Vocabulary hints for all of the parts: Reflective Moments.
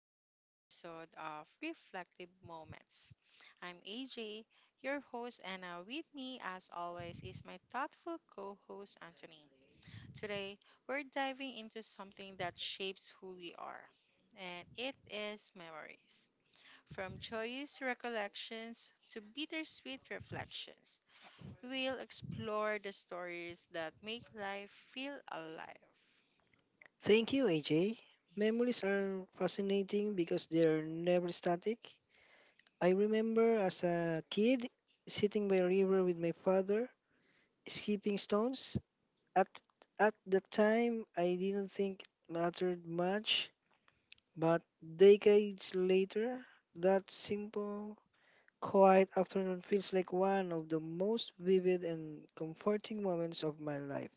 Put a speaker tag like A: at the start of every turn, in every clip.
A: to another episode of Reflective Moments. I'm AJ, your host, and with me, as always, is my thoughtful co host, Anthony. Today, we're diving into something that shapes who we are, and it is memories. From joyous recollections to bittersweet reflections, we'll explore the stories that make life feel alive.
B: Thank you, AJ. Memories are fascinating because they're never static. I remember as a kid sitting by a river with my father, skipping stones. At at the time, I didn't think it mattered much, but decades later, that simple, quiet afternoon feels like one of the most vivid and comforting moments of my life.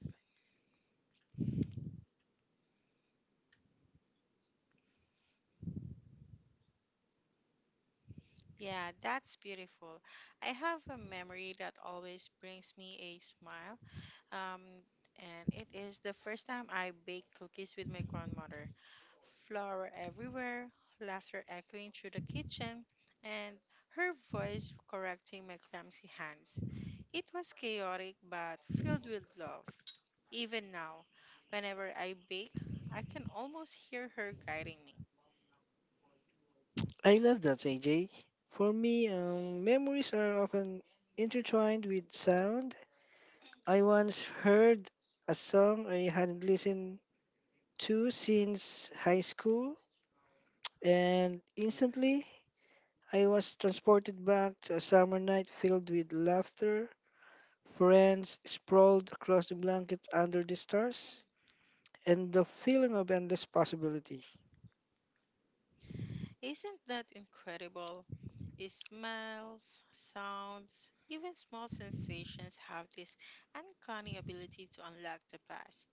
A: Yeah, that's beautiful. I have a memory that always brings me a smile. Um, and it is the first time I baked cookies with my grandmother. Flour everywhere, laughter echoing through the kitchen, and her voice correcting my clumsy hands. It was chaotic but filled with love. Even now, whenever I bake, I can almost hear her guiding me.
B: I love that, AJ. For me, memories are often intertwined with sound. I once heard a song I hadn't listened to since high school, and instantly I was transported back to a summer night filled with laughter, friends sprawled across the blanket under the stars, and the feeling of endless possibility.
A: Isn't that incredible? Smells, sounds, even small sensations have this uncanny ability to unlock the past.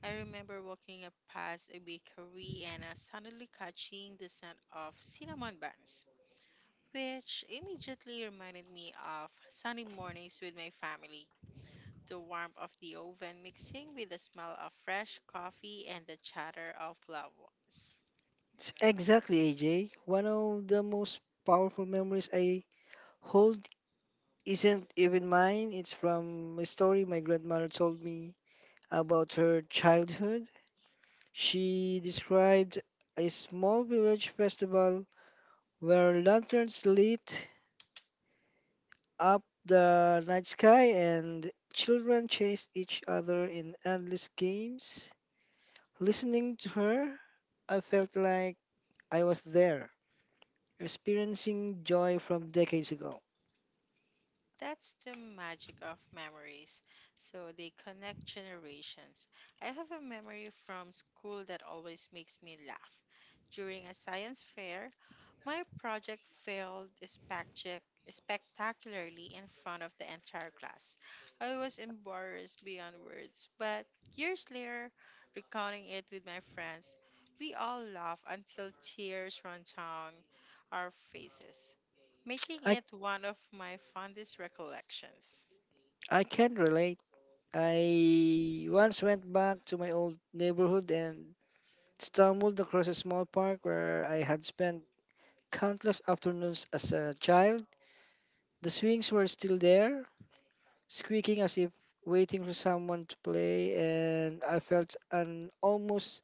A: I remember walking up past a bakery and suddenly catching the scent of cinnamon buns, which immediately reminded me of sunny mornings with my family. The warmth of the oven mixing with the smell of fresh coffee and the chatter of loved ones.
B: It's exactly, AJ. One of the most powerful memories I hold isn't even mine. It's from a story my grandmother told me about her childhood. She described a small village festival where lanterns lit up the night sky and children chased each other in endless games. Listening to her, I felt like I was there, experiencing joy from decades ago.
A: That's the magic of memories. So they connect generations. I have a memory from school that always makes me laugh. During a science fair, my project spectacularly in front of the entire class. I was embarrassed beyond words, but years later, recounting it with my friends, we all laugh until tears run down our faces, making
B: I
A: it one of my fondest recollections.
B: I can relate. I once went back to my old neighborhood and stumbled across a small park where I had spent countless afternoons as a child. The swings were still there, squeaking as if waiting for someone to play, and I felt an almost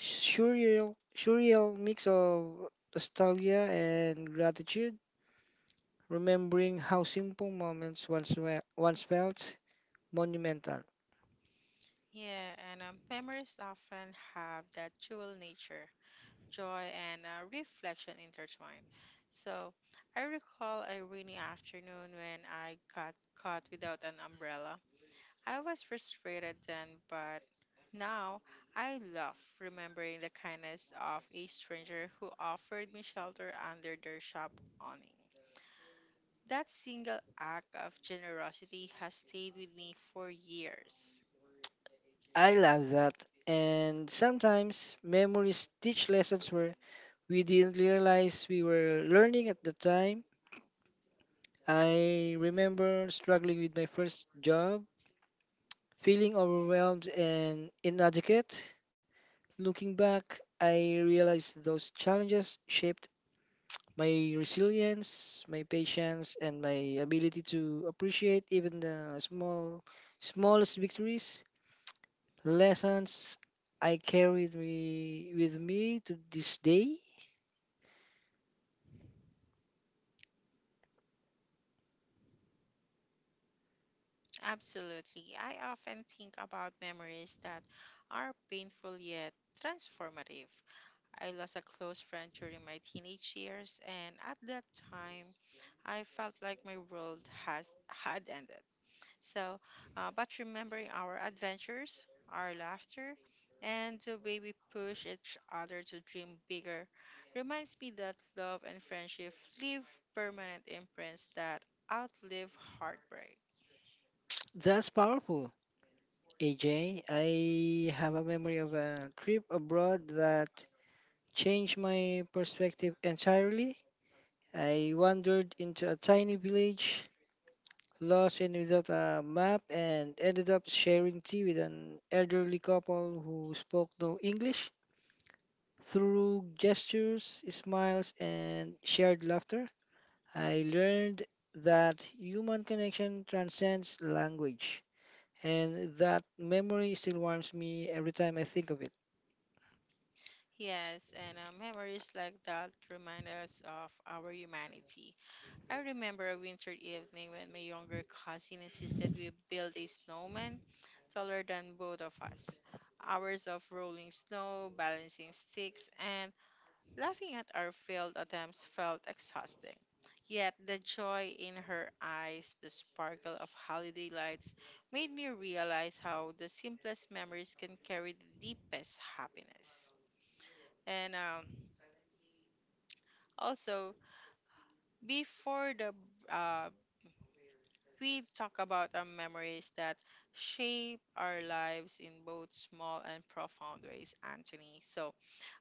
B: surreal mix of nostalgia and gratitude, remembering how simple moments once felt monumental.
A: Yeah, and memories often have that dual nature joy, and reflection intertwined. So I recall a rainy afternoon when I got caught without an umbrella. I was frustrated then, but now I love remembering the kindness of a stranger who offered me shelter under their shop awning. That single act of generosity has stayed with me for years.
B: I love that. And sometimes memories teach lessons where we didn't realize we were learning at the time. I remember struggling with my first job, feeling overwhelmed and inadequate. Looking back, I realized those challenges shaped my resilience, my patience, and my ability to appreciate even the smallest victories. Lessons I carried me, with me to this day.
A: Absolutely. I often think about memories that are painful yet transformative. I lost a close friend during my teenage years, and at that time, I felt like my world has had ended. So, but remembering our adventures, our laughter, and the way we push each other to dream bigger reminds me that love and friendship leave permanent imprints that outlive heartbreak.
B: That's powerful. AJ, I have a memory of a trip abroad that changed my perspective entirely. I wandered into a tiny village, lost and without a map, and ended up sharing tea with an elderly couple who spoke no English. Through gestures, smiles, and shared laughter, I learned that human connection transcends language, and that memory still warms me every time I think of it.
A: Yes, and memories like that remind us of our humanity. I remember a winter evening when my younger cousin insisted we build a snowman taller than both of us. Hours of rolling snow, balancing sticks, and laughing at our failed attempts felt exhausting. Yet the joy in her eyes, the sparkle of holiday lights, made me realize how the simplest memories can carry the deepest happiness. And also, before the uh, we talk about our memories that shape our lives in both small and profound ways, Anthony. So,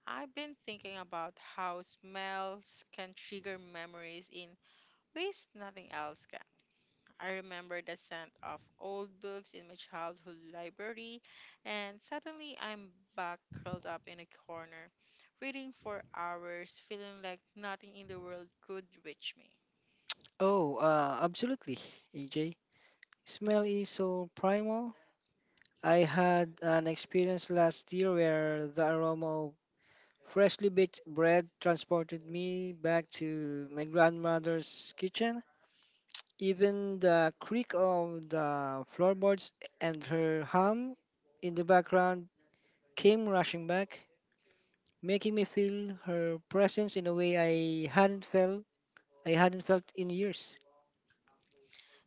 A: I've been thinking about how smells can trigger memories in ways nothing else can. I remember the scent of old books in my childhood library, and suddenly I'm back curled up in a corner, reading for hours, feeling like nothing in the world could reach me.
B: Oh, absolutely, AJ. Smell is so primal. I had an experience last year where the aroma of freshly baked bread transported me back to my grandmother's kitchen. Even the creak of the floorboards and her hum in the background came rushing back, making me feel her presence in a way I hadn't felt in years.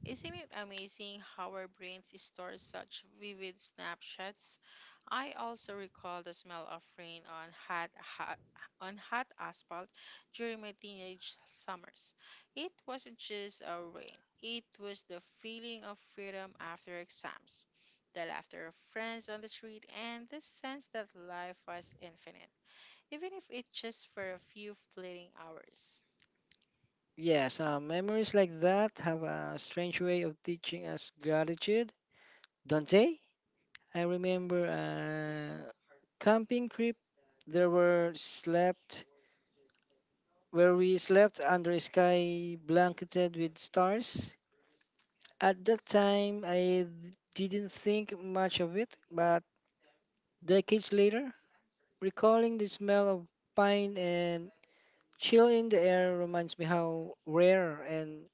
A: Isn't it amazing how our brains store such vivid snapshots? I also recall the smell of rain on hot asphalt during my teenage summers. It wasn't just a rain; it was the feeling of freedom after exams, the laughter of friends on the street, and the sense that life was infinite, even if it's just for a few fleeting hours.
B: Yes, memories like that have a strange way of teaching us gratitude, don't they? I remember camping trip there were slept where we slept under a sky blanketed with stars. At that time, I didn't think much of it, but decades later, recalling the smell of pine and chill in the air reminds me how rare and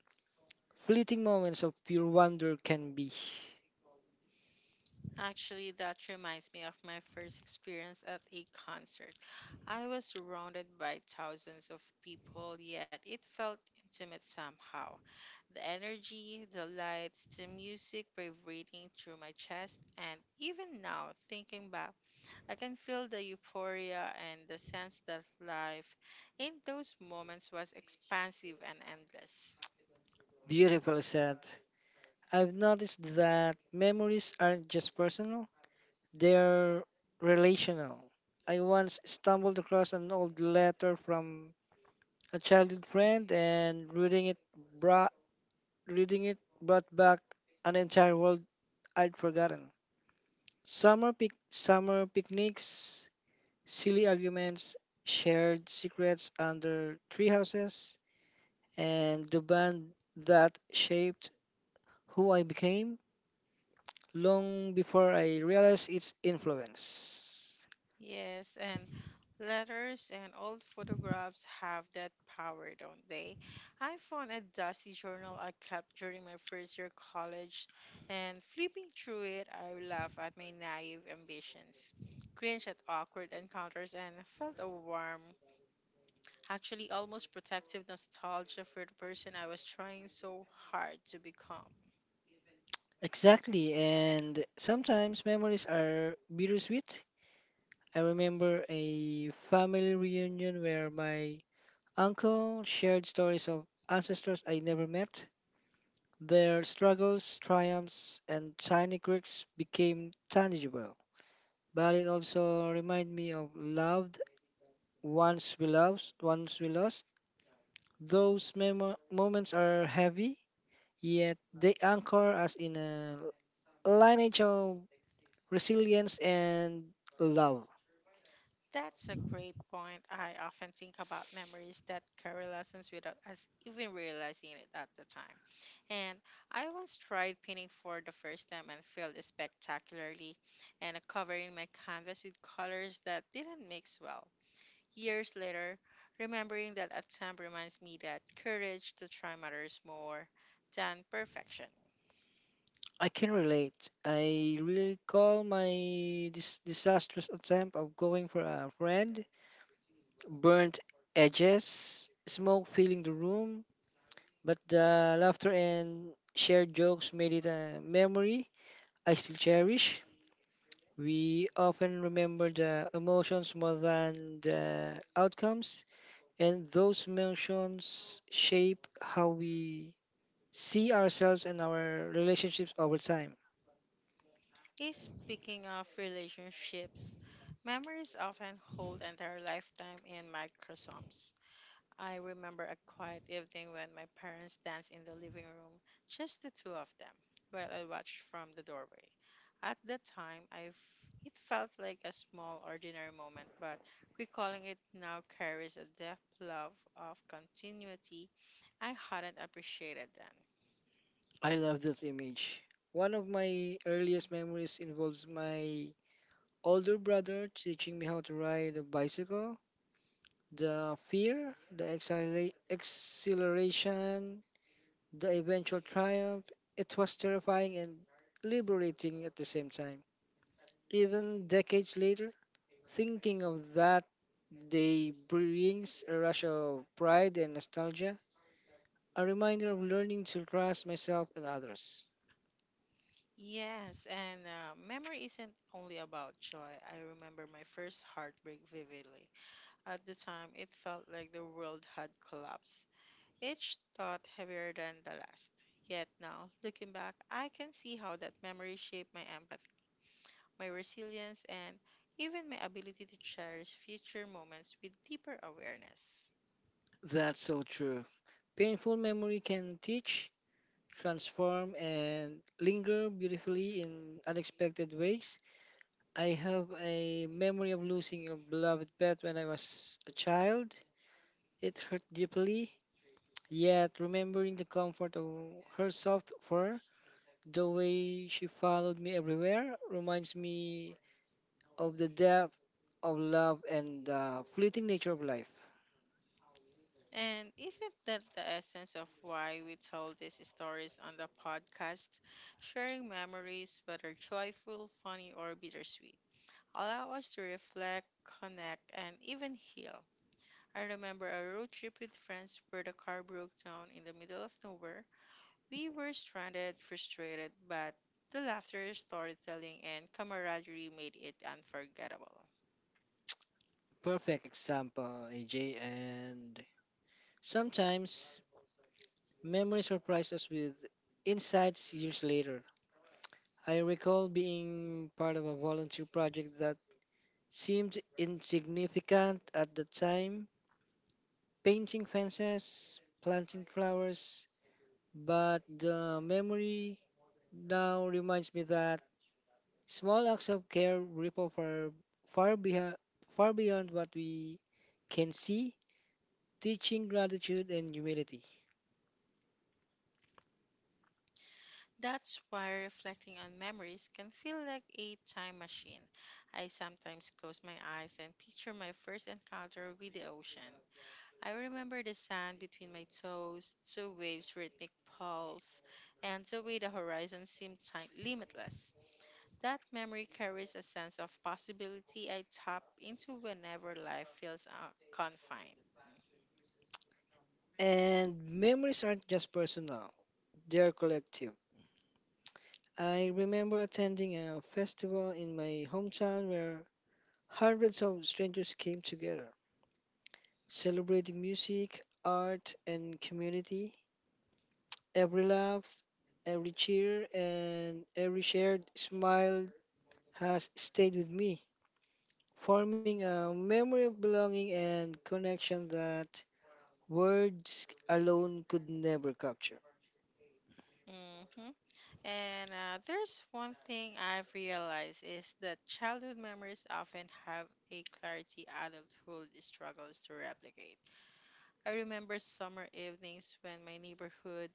B: fleeting moments of pure wonder can be.
A: Actually, that reminds me of my first experience at a concert. I was surrounded by thousands of people, yet it felt intimate somehow. The energy, the lights, the music vibrating through my chest, and even now, thinking back, I can feel the euphoria and the sense that life in those moments was expansive and endless.
B: Beautiful said. I've noticed that memories aren't just personal, they're relational. I once stumbled across an old letter from a childhood friend and brought reading it brought back an entire world I'd forgotten. Summer picnics, silly arguments, shared secrets under tree houses, and the band that shaped who I became long before I realized its influence.
A: Yes, and letters and old photographs have that power, don't they? I found a dusty journal I kept during my first year college, and flipping through it, I laughed at my naive ambitions, cringed at awkward encounters, and felt a warm, actually almost protective nostalgia for the person I was trying so hard to become.
B: Exactly, and sometimes memories are bittersweet. I remember a family reunion where my uncle shared stories of ancestors I never met. Their struggles, triumphs, and tiny quirks became tangible. But it also reminded me of loved once we lost. Those moments are heavy, yet they anchor us in a lineage of resilience and love.
A: That's a great point. I often think about memories that carry lessons without us even realizing it at the time. And I once tried painting for the first time and failed spectacularly, and covering my canvas with colors that didn't mix well. Years later, remembering that attempt reminds me that courage to try matters more than perfection.
B: I can relate. I recall my disastrous attempt of going for a friend, burnt edges, smoke filling the room, but the laughter and shared jokes made it a memory I still cherish. We often remember the emotions more than the outcomes, and those emotions shape how we see ourselves and our relationships over time.
A: Eh, speaking of relationships, memories often hold entire lifetime in microsomes. I remember a quiet evening when my parents danced in the living room, just the two of them, while I watched from the doorway. At the time, it felt like a small, ordinary moment, but recalling it now carries a deep love of continuity I hadn't appreciated then.
B: I love that image. One of my earliest memories involves my older brother teaching me how to ride a bicycle. The fear, the exhilaration, the eventual triumph, it was terrifying and liberating at the same time. Even decades later, thinking of that day brings a rush of pride and nostalgia, a reminder of learning to trust myself and others.
A: Yes, and memory isn't only about joy. I remember my first heartbreak vividly. At the time, it felt like the world had collapsed each thought heavier than the last. Yet now, looking back, I can see how that memory shaped my empathy, my resilience, and even my ability to cherish future moments with deeper awareness.
B: That's so true. Painful memory can teach, transform, and linger beautifully in unexpected ways. I have a memory of losing a beloved pet when I was a child. It hurt deeply, yet remembering the comfort of her soft fur, the way she followed me everywhere, reminds me of the depth of love and the fleeting nature of life.
A: And isn't that the essence of why we tell these stories on the podcast? Sharing memories, whether joyful, funny, or bittersweet, allow us to reflect, connect, and even heal. I remember a road trip with friends where the car broke down in the middle of nowhere. We were stranded, frustrated, but the laughter, storytelling, and camaraderie made it unforgettable.
B: Perfect example, AJ. And sometimes memories surprise us with insights years later. I recall being part of a volunteer project that seemed insignificant at the time, painting fences, planting flowers, but the memory now reminds me that small acts of care ripple far far, beha- far beyond what we can see, teaching gratitude and humility.
A: That's why reflecting on memories can feel like a time machine. I sometimes close my eyes and picture my first encounter with the ocean. I remember the sand between my toes, the waves' rhythmic pulse, and the way the horizon limitless. That memory carries a sense of possibility I tap into whenever life feels confined.
B: And memories aren't just personal, they're collective. I remember attending a festival in my hometown where hundreds of strangers came together, celebrating music, art, and community. Every laugh, every cheer, and every shared smile has stayed with me, forming a memory of belonging and connection that words alone could never capture.
A: Mm-hmm. And there's one thing I've realized is that childhood memories often have a clarity adulthood struggles to replicate. I remember summer evenings when my neighborhood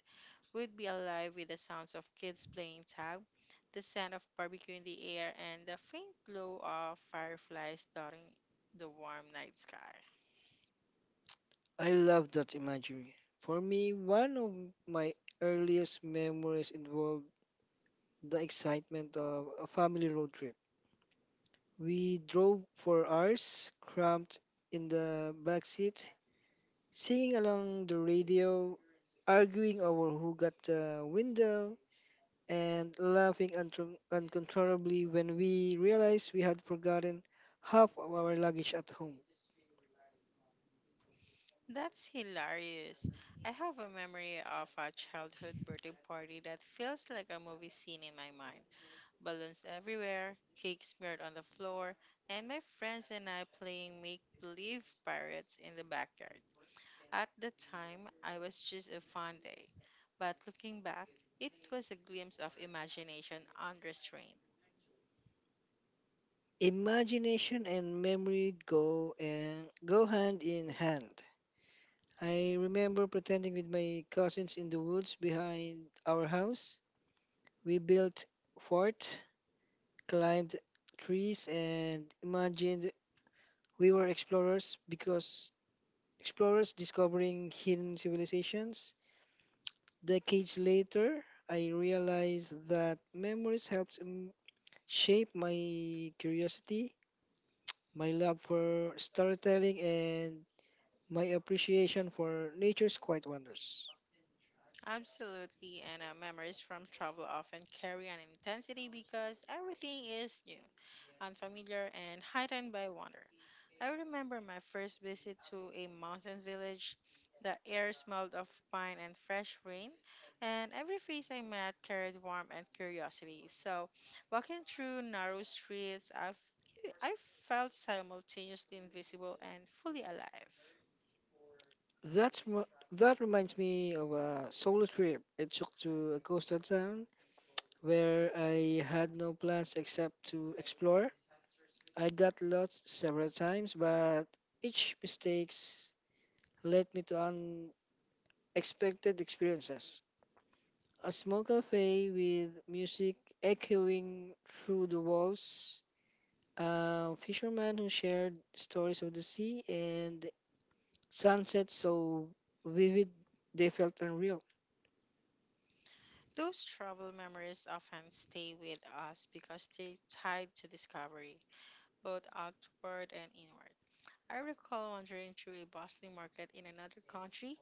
A: would be alive with the sounds of kids playing tag, the scent of barbecue in the air, and the faint glow of fireflies dotting the warm night sky.
B: I love that imagery. For me, one of my earliest memories involved the excitement of a family road trip. We drove for hours, cramped in the back seat, singing along the radio, arguing over who got the window, and laughing uncontrollably when we realized we had forgotten half of our luggage at home.
A: That's hilarious. I have a memory of a childhood birthday party that feels like a movie scene in my mind. Balloons everywhere, cake smeared on the floor, and my friends and I playing make believe pirates in the backyard. At the time, I was just a fun day, but looking back, it was a glimpse of imagination unrestrained.
B: Imagination and memory go hand in hand. I remember pretending with my cousins in the woods behind our house. We built forts, climbed trees, and imagined we were explorers because explorers discovering hidden civilizations. Decades later, I realized that memories helps shape my curiosity my love for storytelling, and my appreciation for nature's quiet wonders.
A: Absolutely, and memories from travel often carry an intensity because everything is new, unfamiliar, and heightened by wonder. I remember my first visit to a mountain village. The air smelled of pine and fresh rain, and every face I met carried warmth and curiosity. So, walking through narrow streets, I felt simultaneously invisible and fully alive.
B: That's wha- that reminds me of a solo trip I took to a coastal town where I had no plans except to explore. I got lost several times, but each mistakes led me to unexpected experiences. A small cafe with music echoing through the walls, fishermen who shared stories of the sea and sunsets so vivid they felt unreal.
A: Those travel memories often stay with us because they're tied to discovery, both outward and inward. I recall wandering through a bustling market in another country,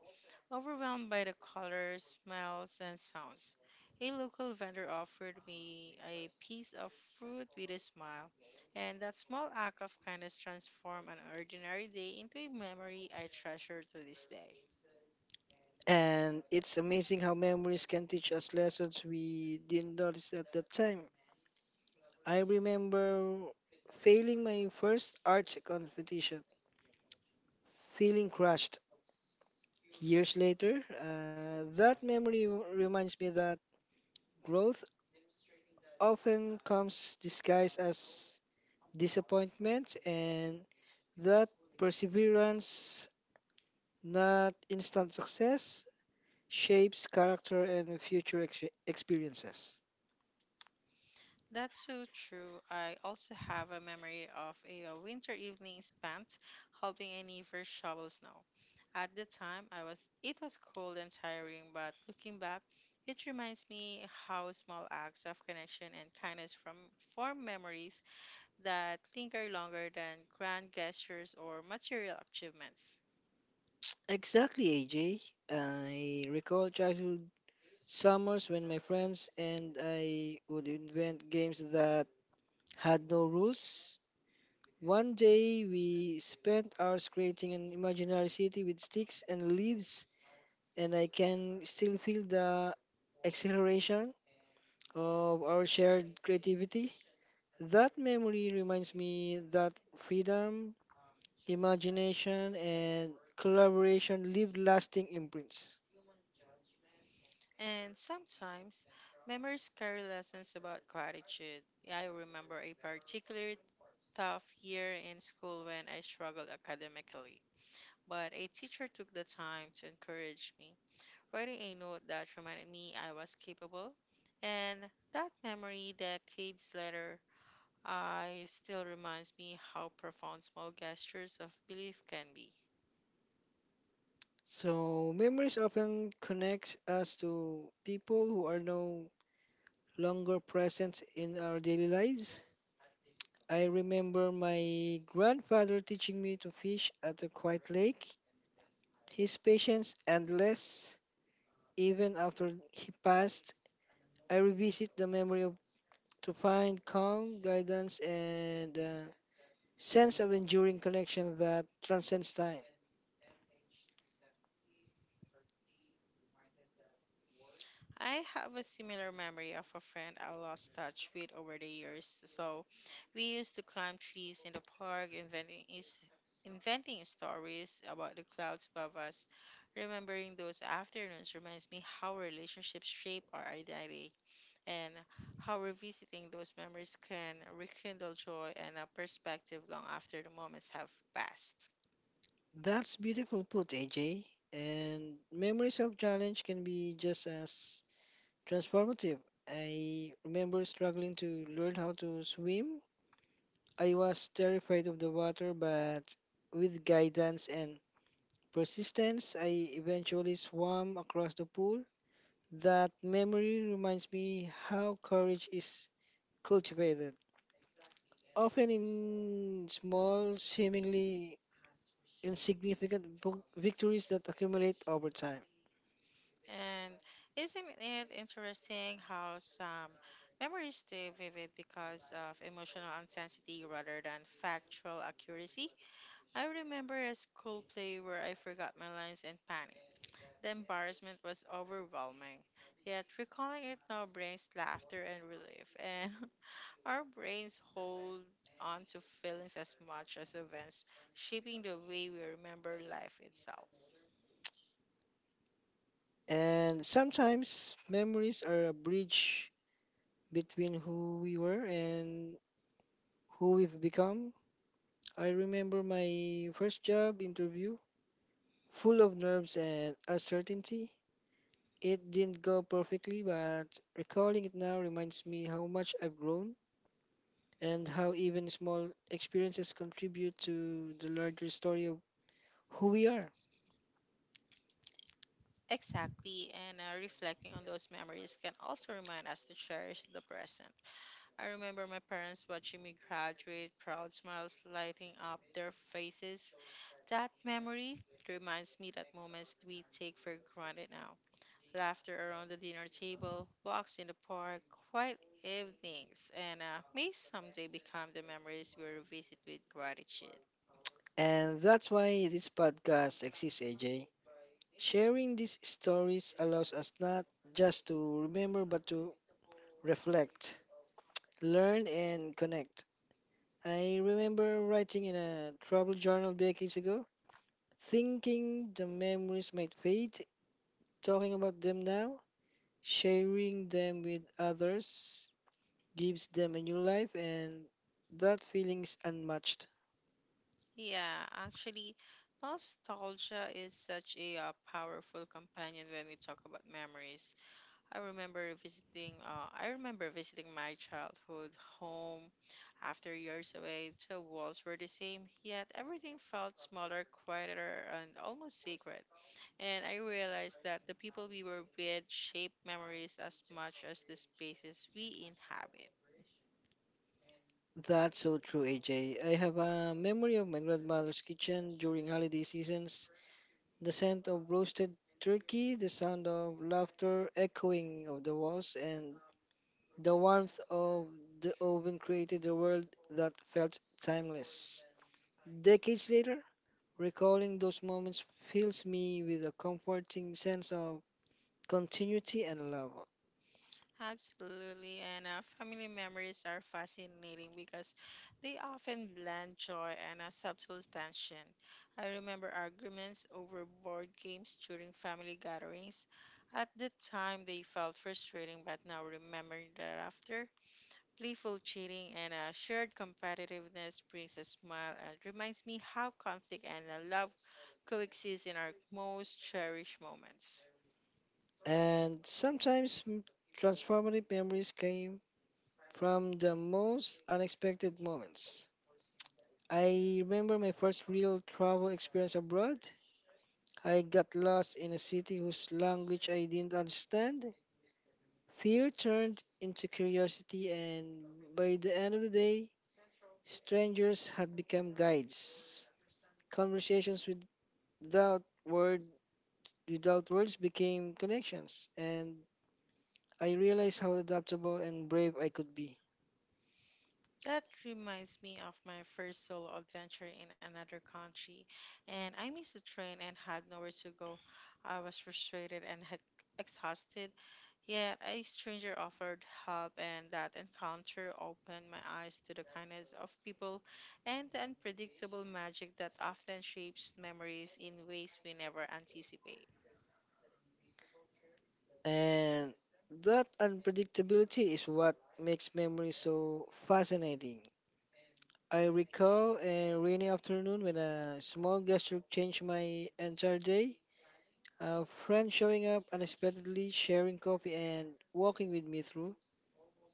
A: overwhelmed by the colors, smells, and sounds. A local vendor offered me a piece of fruit with a smile, and that small act of kindness transformed an ordinary day into a memory I treasure to this day.
B: And it's amazing how memories can teach us lessons we didn't notice at that time. I remember failing my first arts competition, feeling crushed. Years later, that memory reminds me that growth often comes disguised as disappointment, and that perseverance, not instant success, shapes character and future experiences.
A: That's so true. I also have a memory of a, winter evening spent helping a neighbor shovel snow. At the time, I was it was cold and tiring, but looking back, it reminds me how small acts of connection and kindness from form memories that linger longer than grand gestures or material achievements.
B: Exactly, AJ. I recall childhood summers when my friends and I would invent games that had no rules. One day we spent hours creating an imaginary city with sticks and leaves, and I can still feel the exhilaration of our shared creativity. That memory reminds me that freedom, imagination, and collaboration leave lasting imprints.
A: And sometimes memories carry lessons about gratitude. I remember a particularly tough year in school when I struggled academically, but a teacher took the time to encourage me, writing a note that reminded me I was capable. And that memory decades later I still reminds me how profound small gestures of belief can be.
B: So memories often connects us to people who are no longer present in our daily lives. I remember my grandfather teaching me to fish at a quiet lake. His patience endless. Even after he passed, I revisit the memory of to find calm, guidance, and a sense of enduring connection that transcends time.
A: I have a similar memory of a friend I lost touch with over the years. So we used to climb trees in the park, inventing stories about the clouds above us. Remembering those afternoons reminds me how relationships shape our identity and how revisiting those memories can rekindle joy and a perspective long after the moments have passed.
B: That's beautiful put, AJ. And memories of challenge can be just as transformative. I remember struggling to learn how to swim. I was terrified of the water, but with guidance and persistence, I eventually swam across the pool. That memory reminds me how courage is cultivated, often in small, seemingly insignificant victories that accumulate over time.
A: And isn't it interesting how some memories stay vivid because of emotional intensity rather than factual accuracy? I remember a school play where I forgot my lines and panicked. The embarrassment was overwhelming, yet recalling it now brings laughter and relief, and our brains hold on to feelings as much as events, shaping the way we remember life itself.
B: And sometimes memories are a bridge between who we were and who we've become. I remember my first job interview, full of nerves and uncertainty. It didn't go perfectly, but recalling it now reminds me how much I've grown and how even small experiences contribute to the larger story of who we are.
A: Exactly, and reflecting on those memories can also remind us to cherish the present. I remember my parents watching me graduate, proud smiles lighting up their faces. That memory reminds me that moments we take for granted now. Laughter around the dinner table, walks in the park, quiet evenings, and may someday become the memories we revisit with gratitude.
B: And that's why this podcast exists, AJ. Sharing these stories allows us not just to remember but to reflect, learn, and connect. I remember writing in a travel journal decades ago, thinking the memories might fade. Talking about them now, sharing them with others, gives them a new life, and that feeling is unmatched.
A: Yeah, actually, nostalgia is such a powerful companion when we talk about memories. I remember visiting my childhood home after years away. The walls were the same, yet everything felt smaller, quieter, and almost sacred. And I realized that the people we were with shape memories as much as the spaces we inhabit.
B: That's so true, AJ. I have a memory of my grandmother's kitchen during holiday seasons. The scent of roasted turkey, the sound of laughter echoing of the walls, and the warmth of the oven created a world that felt timeless. Decades later, recalling those moments fills me with a comforting sense of continuity and love.
A: Absolutely, and family memories are fascinating because they often blend joy and a subtle tension. I remember arguments over board games during family gatherings. At the time, they felt frustrating, but now remembering thereafter, playful cheating and a shared competitiveness brings a smile and reminds me how conflict and love coexist in our most cherished moments.
B: And sometimes transformative memories came from the most unexpected moments. I remember my first real travel experience abroad. I got lost in a city whose language I didn't understand, fear turned into curiosity, and by the end of the day, strangers had become guides. Conversations without word without words became connections, and I realized how adaptable and brave I could be.
A: That reminds me of my first solo adventure in another country, and I missed the train and had nowhere to go. I was frustrated and exhausted, yet a stranger offered help, and that encounter opened my eyes to the kindness of people and the unpredictable magic that often shapes memories in ways we never anticipate.
B: And that unpredictability is what makes memory so fascinating. I recall a rainy afternoon when a small gesture changed my entire day. A friend showing up unexpectedly, sharing coffee, and walking with me through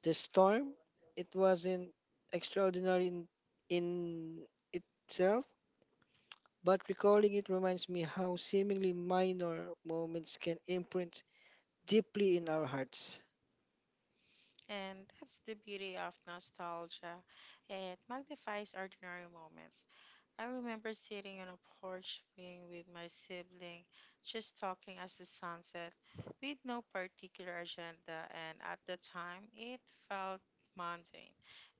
B: the storm. It wasn't extraordinary in itself, but recalling it reminds me how seemingly minor moments can imprint deeply in our hearts.
A: And that's the beauty of nostalgia. It magnifies ordinary moments. I remember sitting on a porch swing with my sibling, just talking as the sun set, with no particular agenda, and at the time it felt mundane.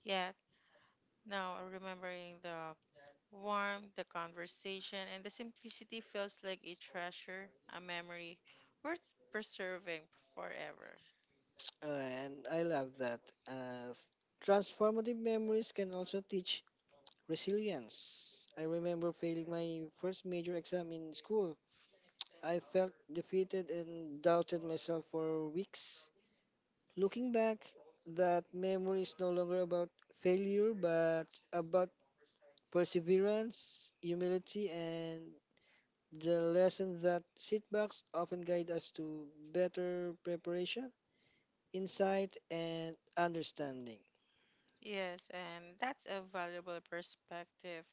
A: Yet now remembering the warmth, the conversation, and the simplicity feels like a treasure, a memory worth preserving forever.
B: And I love that. Uh, Transformative memories can also teach resilience. I remember failing my first major exam in school. I felt defeated and doubted myself for weeks. Looking back, that memory is no longer about failure but about perseverance, humility, and the lesson that setbacks often guide us to better preparation insight, and understanding.
A: Yes, and that's a valuable perspective.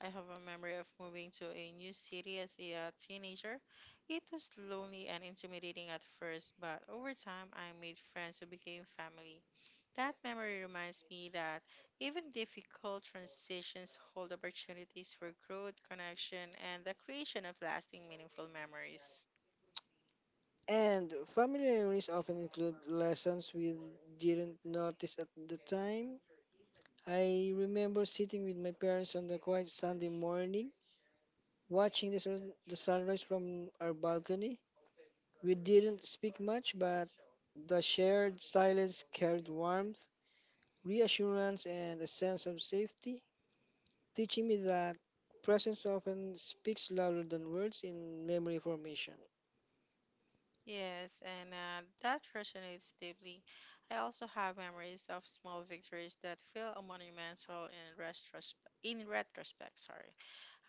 A: I have a memory of moving to a new city as a teenager. It was lonely and intimidating at first, but over time I made friends who became family. That memory reminds me that even difficult transitions hold opportunities for growth, connection, and the creation of lasting, meaningful memories.
B: And family reunions often include lessons we didn't notice at the time. I remember sitting with my parents on the quiet Sunday morning, watching the sunrise from our balcony. We didn't speak much, but the shared silence carried warmth, reassurance, and a sense of safety, teaching me that presence often speaks louder than words in memory formation.
A: Yes, and that resonates deeply. I also have memories of small victories that feel monumental in retrospect. In retrospect, sorry,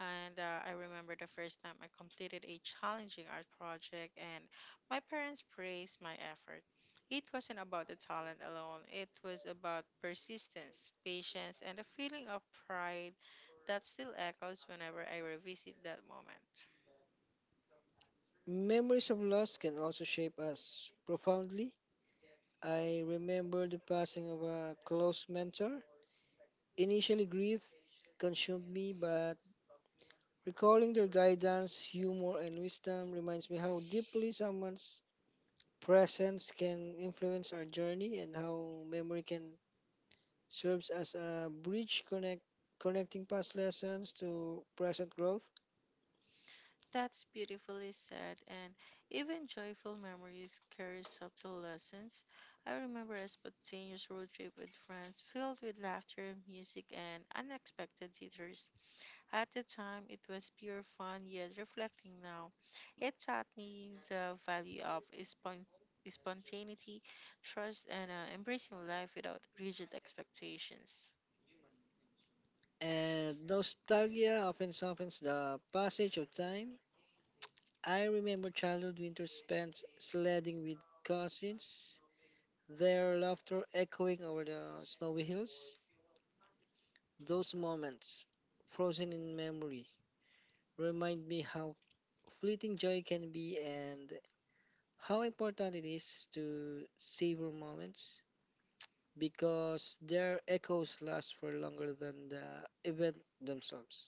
A: and I remember the first time I completed a challenging art project, and my parents praised my effort. It wasn't about the talent alone; it was about persistence, patience, and a feeling of pride that still echoes whenever I revisit that moment.
B: Memories of loss can also shape us profoundly. I remember the passing of a close mentor. Initially, grief consumed me, but recalling their guidance, humor, and wisdom reminds me how deeply someone's presence can influence our journey and how memory can serves as a bridge connecting past lessons to present growth.
A: That's beautifully said, and even joyful memories carry subtle lessons. I remember a spontaneous road trip with friends filled with laughter, music, and unexpected detours. At the time, it was pure fun, yet reflecting now, it taught me the value of spontaneity, trust, and embracing life without rigid expectations.
B: And nostalgia often softens the passage of time. I remember childhood winters spent sledding with cousins, their laughter echoing over the snowy hills. Those moments, frozen in memory, remind me how fleeting joy can be and how important it is to savor moments, because their echoes last for longer than the event themselves.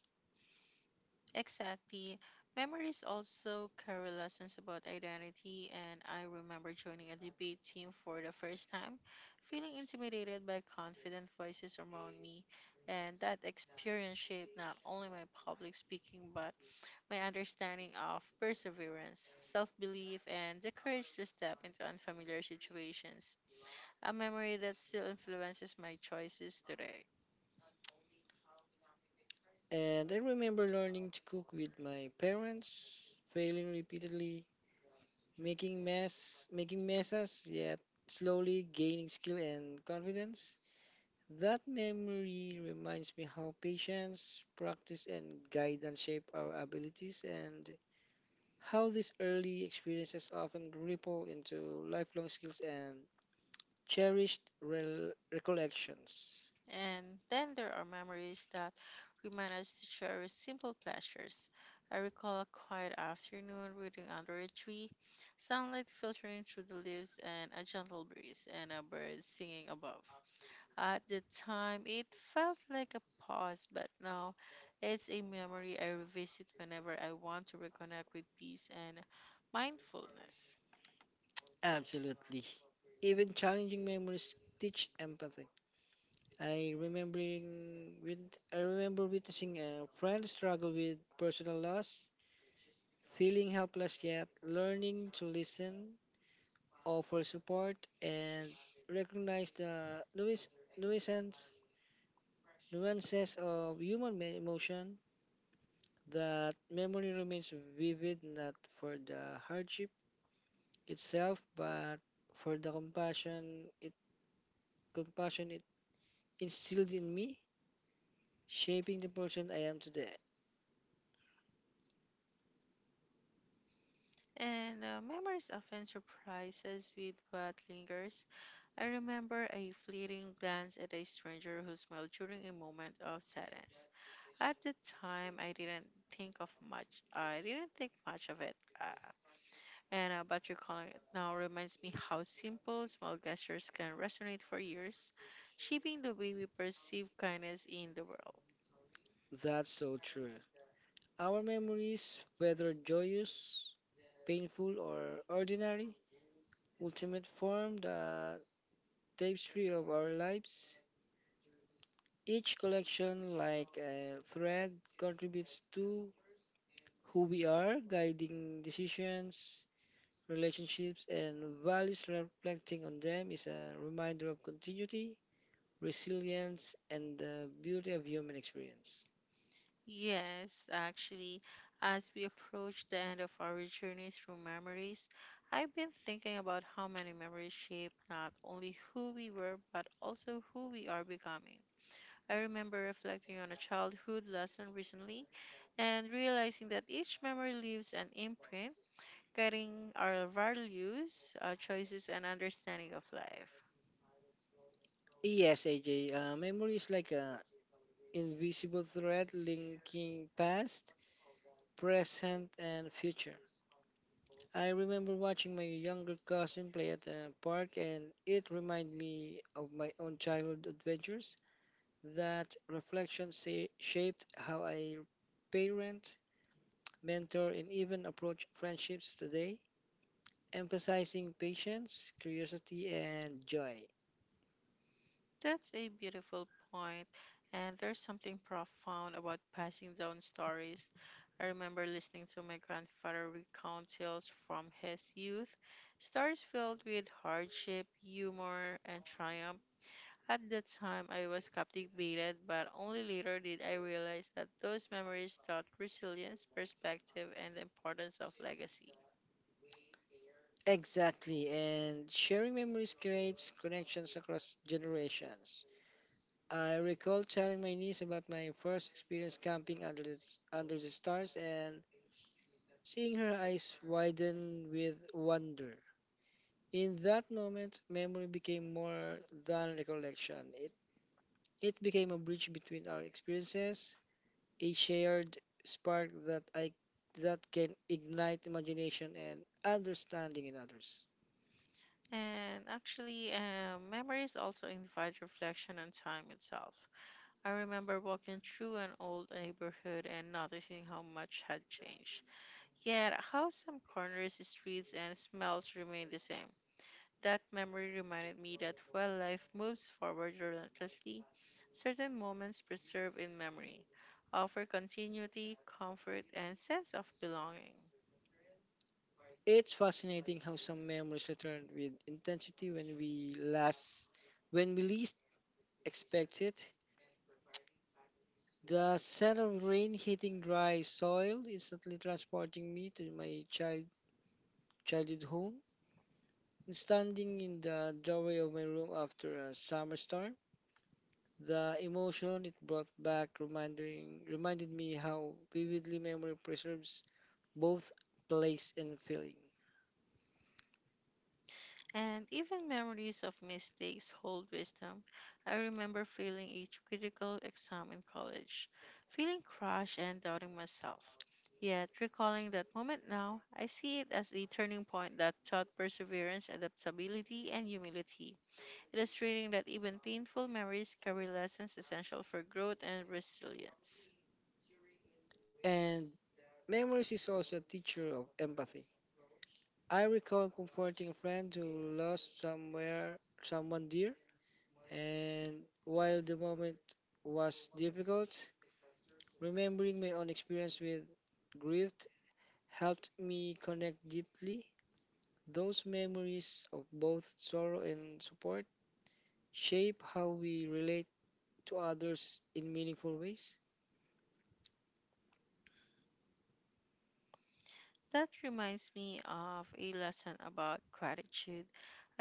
A: Exactly. Memories also carry lessons about identity, and I remember joining a debate team for the first time, feeling intimidated by confident voices around me. And that experience shaped not only my public speaking, but my understanding of perseverance, self belief, and the courage to step into unfamiliar situations. A memory that still influences my choices today.
B: And I remember learning to cook with my parents, failing repeatedly, making messes, yet slowly gaining skill and confidence. That memory reminds me how patience, practice, and guidance shape our abilities, and how these early experiences often ripple into lifelong skills and cherished rel recollections.
A: And then there are memories that remind us to cherish simple pleasures. I recall a quiet afternoon reading under a tree, sunlight filtering through the leaves, and a gentle breeze, and a bird singing above. At the time, it felt like a pause, but now it's a memory I revisit whenever I want to reconnect with peace and mindfulness.
B: Absolutely. Even challenging memories teach empathy. I remembering with I remember witnessing a friend struggle with personal loss, feeling helpless yet learning to listen, offer support, and recognize the nuis- nuisance nuances of human emotion. That memory remains vivid not for the hardship itself, but for the compassion it instilled in me, shaping the person I am today.
A: And Memories often surprise us with what lingers. I remember a fleeting glance at a stranger who smiled during a moment of sadness. At the time, I didn't think of much. I didn't think much of it. And but recalling it now reminds me how simple small gestures can resonate for years, shaping the way we perceive kindness in the world.
B: That's so true. Our memories, whether joyous, painful, or ordinary, ultimate form the tapestry of our lives. Each collection, like a thread, contributes to who we are, guiding decisions, relationships, and values. Reflecting on them is a reminder of continuity, resilience, and the beauty of human experience.
A: Yes, actually, as we approach the end of our journey through memories, I've been thinking about how many memories shape not only who we were, but also who we are becoming. I remember reflecting on a childhood lesson recently and realizing that each memory leaves an imprint, guiding our values, our choices, and understanding of life.
B: Yes, AJ, memory is like a invisible thread linking past, present, and future. I remember watching my younger cousin play at a park, and it reminded me of my own childhood adventures. That reflection shaped how I parent, mentor, and even approach friendships today, emphasizing patience, curiosity, and joy.
A: That's a beautiful point, and there's something profound about passing down stories. I remember listening to my grandfather recount tales from his youth, stories filled with hardship, humor, and triumph. At that time, I was captivated, but only later did I realize that those memories taught resilience, perspective, and the importance of legacy.
B: Exactly, and sharing memories creates connections across generations. I recall telling my niece about my first experience camping under the stars and seeing her eyes widen with wonder. In that moment, memory became more than recollection. It became a bridge between our experiences, a shared spark that can ignite imagination and understanding in others.
A: And actually, memories also invite reflection on time itself. I remember walking through an old neighborhood and noticing how much had changed. Yet, how some corners, streets, and smells remained the same. That memory reminded me that while life moves forward relentlessly, certain moments preserved in memory offer continuity, comfort, and sense of belonging.
B: It's fascinating how some memories return with intensity when we least expect it. The scent of rain hitting dry soil instantly transporting me to my childhood home. And standing in the doorway of my room after a summer storm, the emotion it brought back reminded me how vividly memory preserves both place and feeling.
A: And even memories of mistakes hold wisdom. I remember failing a critical exam in college, feeling crushed and doubting myself. Yet, recalling that moment now, I see it as a turning point that taught perseverance, adaptability, and humility, illustrating that even painful memories carry lessons essential for growth and resilience.
B: And memories is also a teacher of empathy. I recall comforting a friend who lost somewhere someone dear, and while the moment was difficult, remembering my own experience with grief helped me connect deeply. Those memories of both sorrow and support shape how we relate to others in meaningful ways.
A: That reminds me of a lesson about gratitude.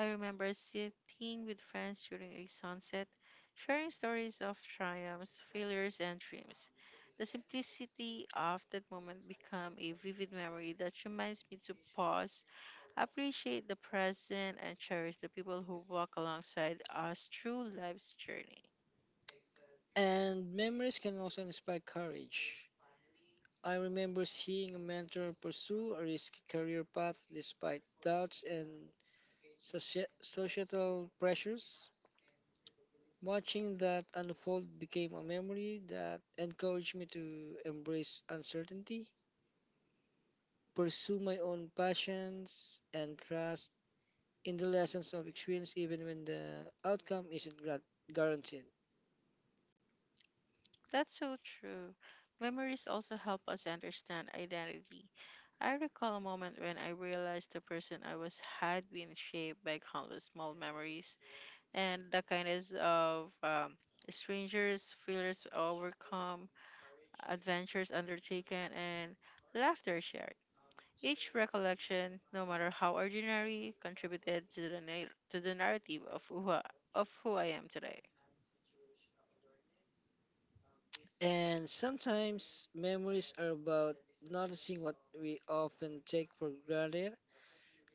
A: I remember sitting with friends during a sunset, sharing stories of triumphs, failures, and dreams. The simplicity of that moment became a vivid memory that reminds me to pause, appreciate the present, and cherish the people who walk alongside us through life's journey.
B: And memories can also inspire courage. I remember seeing a mentor pursue a risky career path despite doubts and societal pressures. Watching that unfold became a memory that encouraged me to embrace uncertainty, pursue my own passions, and trust in the lessons of experience even when the outcome isn't guaranteed.
A: That's so true. Memories also help us understand identity. I recall a moment when I realized the person I was had been shaped by countless small memories and the kindness of strangers, failures overcome, adventures undertaken, and laughter shared. Each recollection, no matter how ordinary, contributed to to the narrative of of who I am today.
B: And sometimes memories are about noticing what we often take for granted.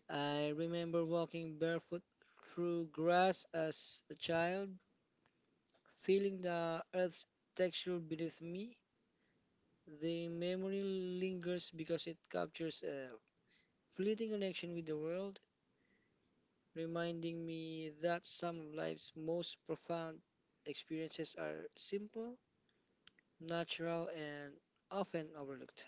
B: I remember walking barefoot through grass as a child, feeling the earth's texture beneath me. The memory lingers because it captures a fleeting connection with the world, reminding me that some of life's most profound experiences are simple natural, and often overlooked.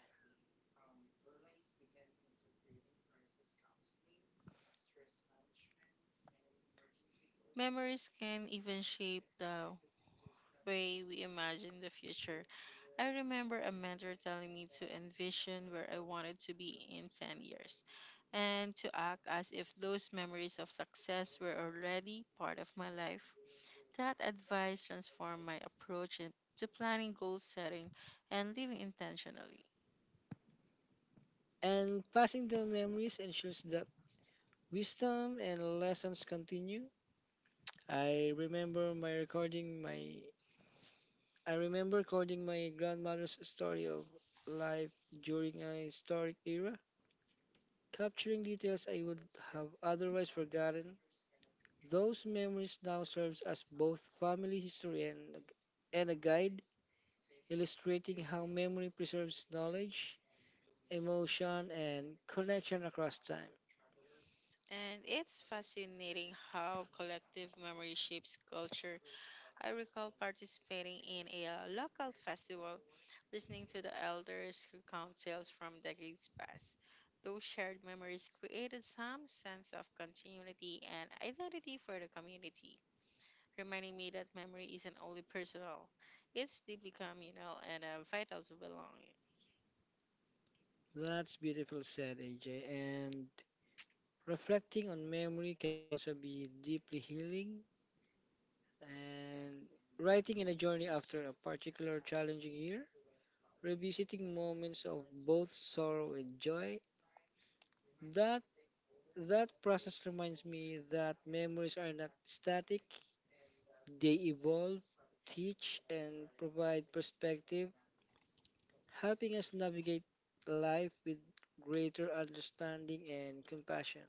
A: Memories can even shape the way we imagine the future. I remember a mentor telling me to envision where I wanted to be in 10 years and to act as if those memories of success were already part of my life. That advice transformed my approach to planning, goal setting, and living intentionally.
B: And passing down memories ensures that wisdom and lessons continue. I remember my recording my I remember recording my grandmother's story of life during a historic era, capturing details I would have otherwise forgotten. Those memories now serves as both family history and a guide, illustrating how memory preserves knowledge, emotion, and connection across time.
A: And it's fascinating how collective memory shapes culture. I recall participating in a local festival, listening to the elders who count tales from decades past. Those shared memories created some sense of continuity and identity for the community, reminding me that memory isn't only personal, it's deeply communal and vital to belonging.
B: That's beautiful said, AJ. And reflecting on memory can also be deeply healing. And writing in a journey after a particular challenging year, revisiting moments of both sorrow and joy, that that process reminds me that memories are not static. They evolve, teach, and provide perspective, helping us navigate life with greater understanding and compassion.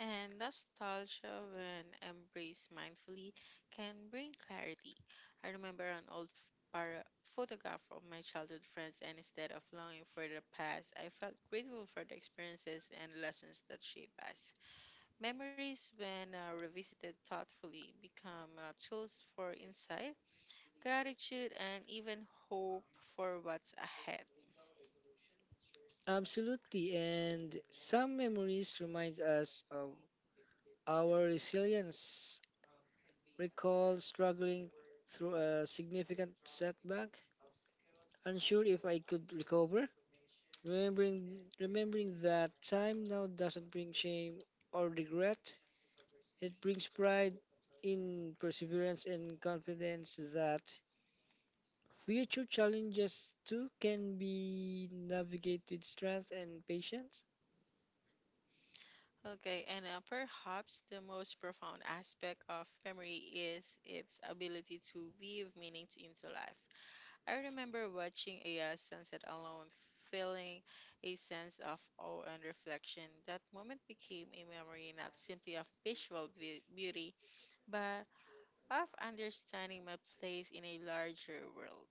A: And nostalgia, when embraced mindfully, can bring clarity. I remember an photograph of my childhood friends, and instead of longing for the past, I felt grateful for the experiences and lessons that shaped us. Memories, when revisited thoughtfully, become tools for insight, gratitude, and even hope for what's ahead.
B: Absolutely, and some memories remind us of our resilience. Recall struggling through a significant setback, unsure if I could recover. Remembering, Remembering that time now doesn't bring shame or regret, it brings pride in perseverance and confidence that future challenges too can be navigated with strength and patience.
A: Okay, and perhaps the most profound aspect of memory is its ability to weave meanings into life. I remember watching a sunset alone, feeling a sense of awe and reflection. That moment became a memory not simply of beauty, but of understanding my place in a larger world,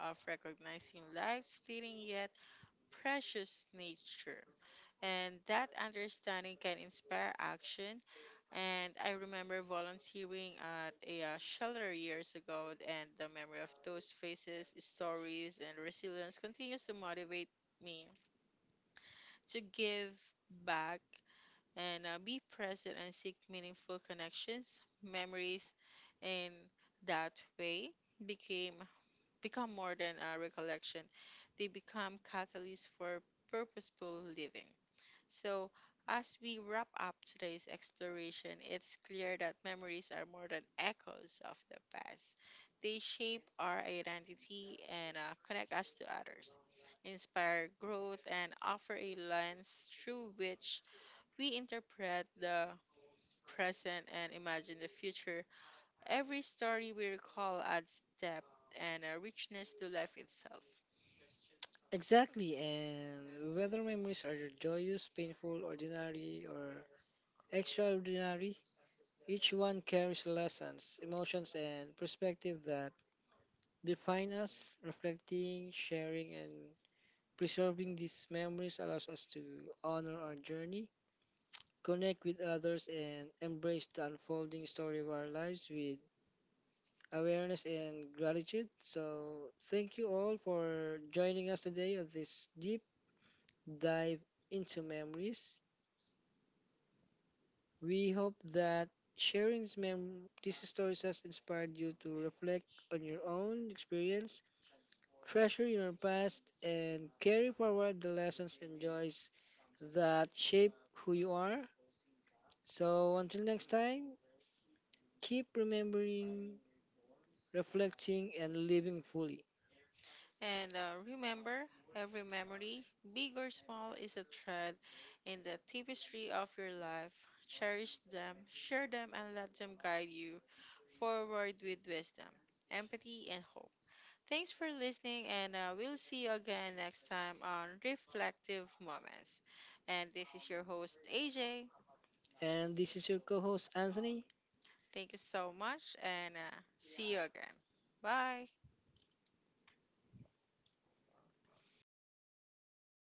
A: of recognizing life's fleeting yet precious nature. And that understanding can inspire action. And I remember volunteering at a shelter years ago, and the memory of those faces, stories, and resilience continues to motivate me to give back and be present and seek meaningful connections, memories, and that way became become more than a recollection. They become catalysts for purposeful living. So, as we wrap up today's exploration, it's clear that memories are more than echoes of the past. They shape our identity and connect us to others, inspire growth, and offer a lens through which we interpret the present and imagine the future. Every story we recall adds depth and a richness to life itself.
B: Exactly, and whether memories are joyous, painful, ordinary, or extraordinary, each one carries lessons, emotions, and perspective that define us. Reflecting, sharing, and preserving these memories allows us to honor our journey, connect with others, and embrace the unfolding story of our lives with awareness, and gratitude. So, thank you all for joining us today on this deep dive into memories. We hope that sharing these stories has inspired you to reflect on your own experience, treasure your past, and carry forward the lessons and joys that shape who you are. So, until next time, keep remembering, reflecting, and living fully.
A: And remember, every memory, big or small, is a thread in the tapestry of your life. Cherish them, share them, and let them guide you forward with wisdom, empathy, and hope. Thanks for listening, and we'll see you again next time on Reflective Moments. And this is your host, AJ.
B: And this is your co host, Anthony.
A: Thank you so much and see you again. Bye.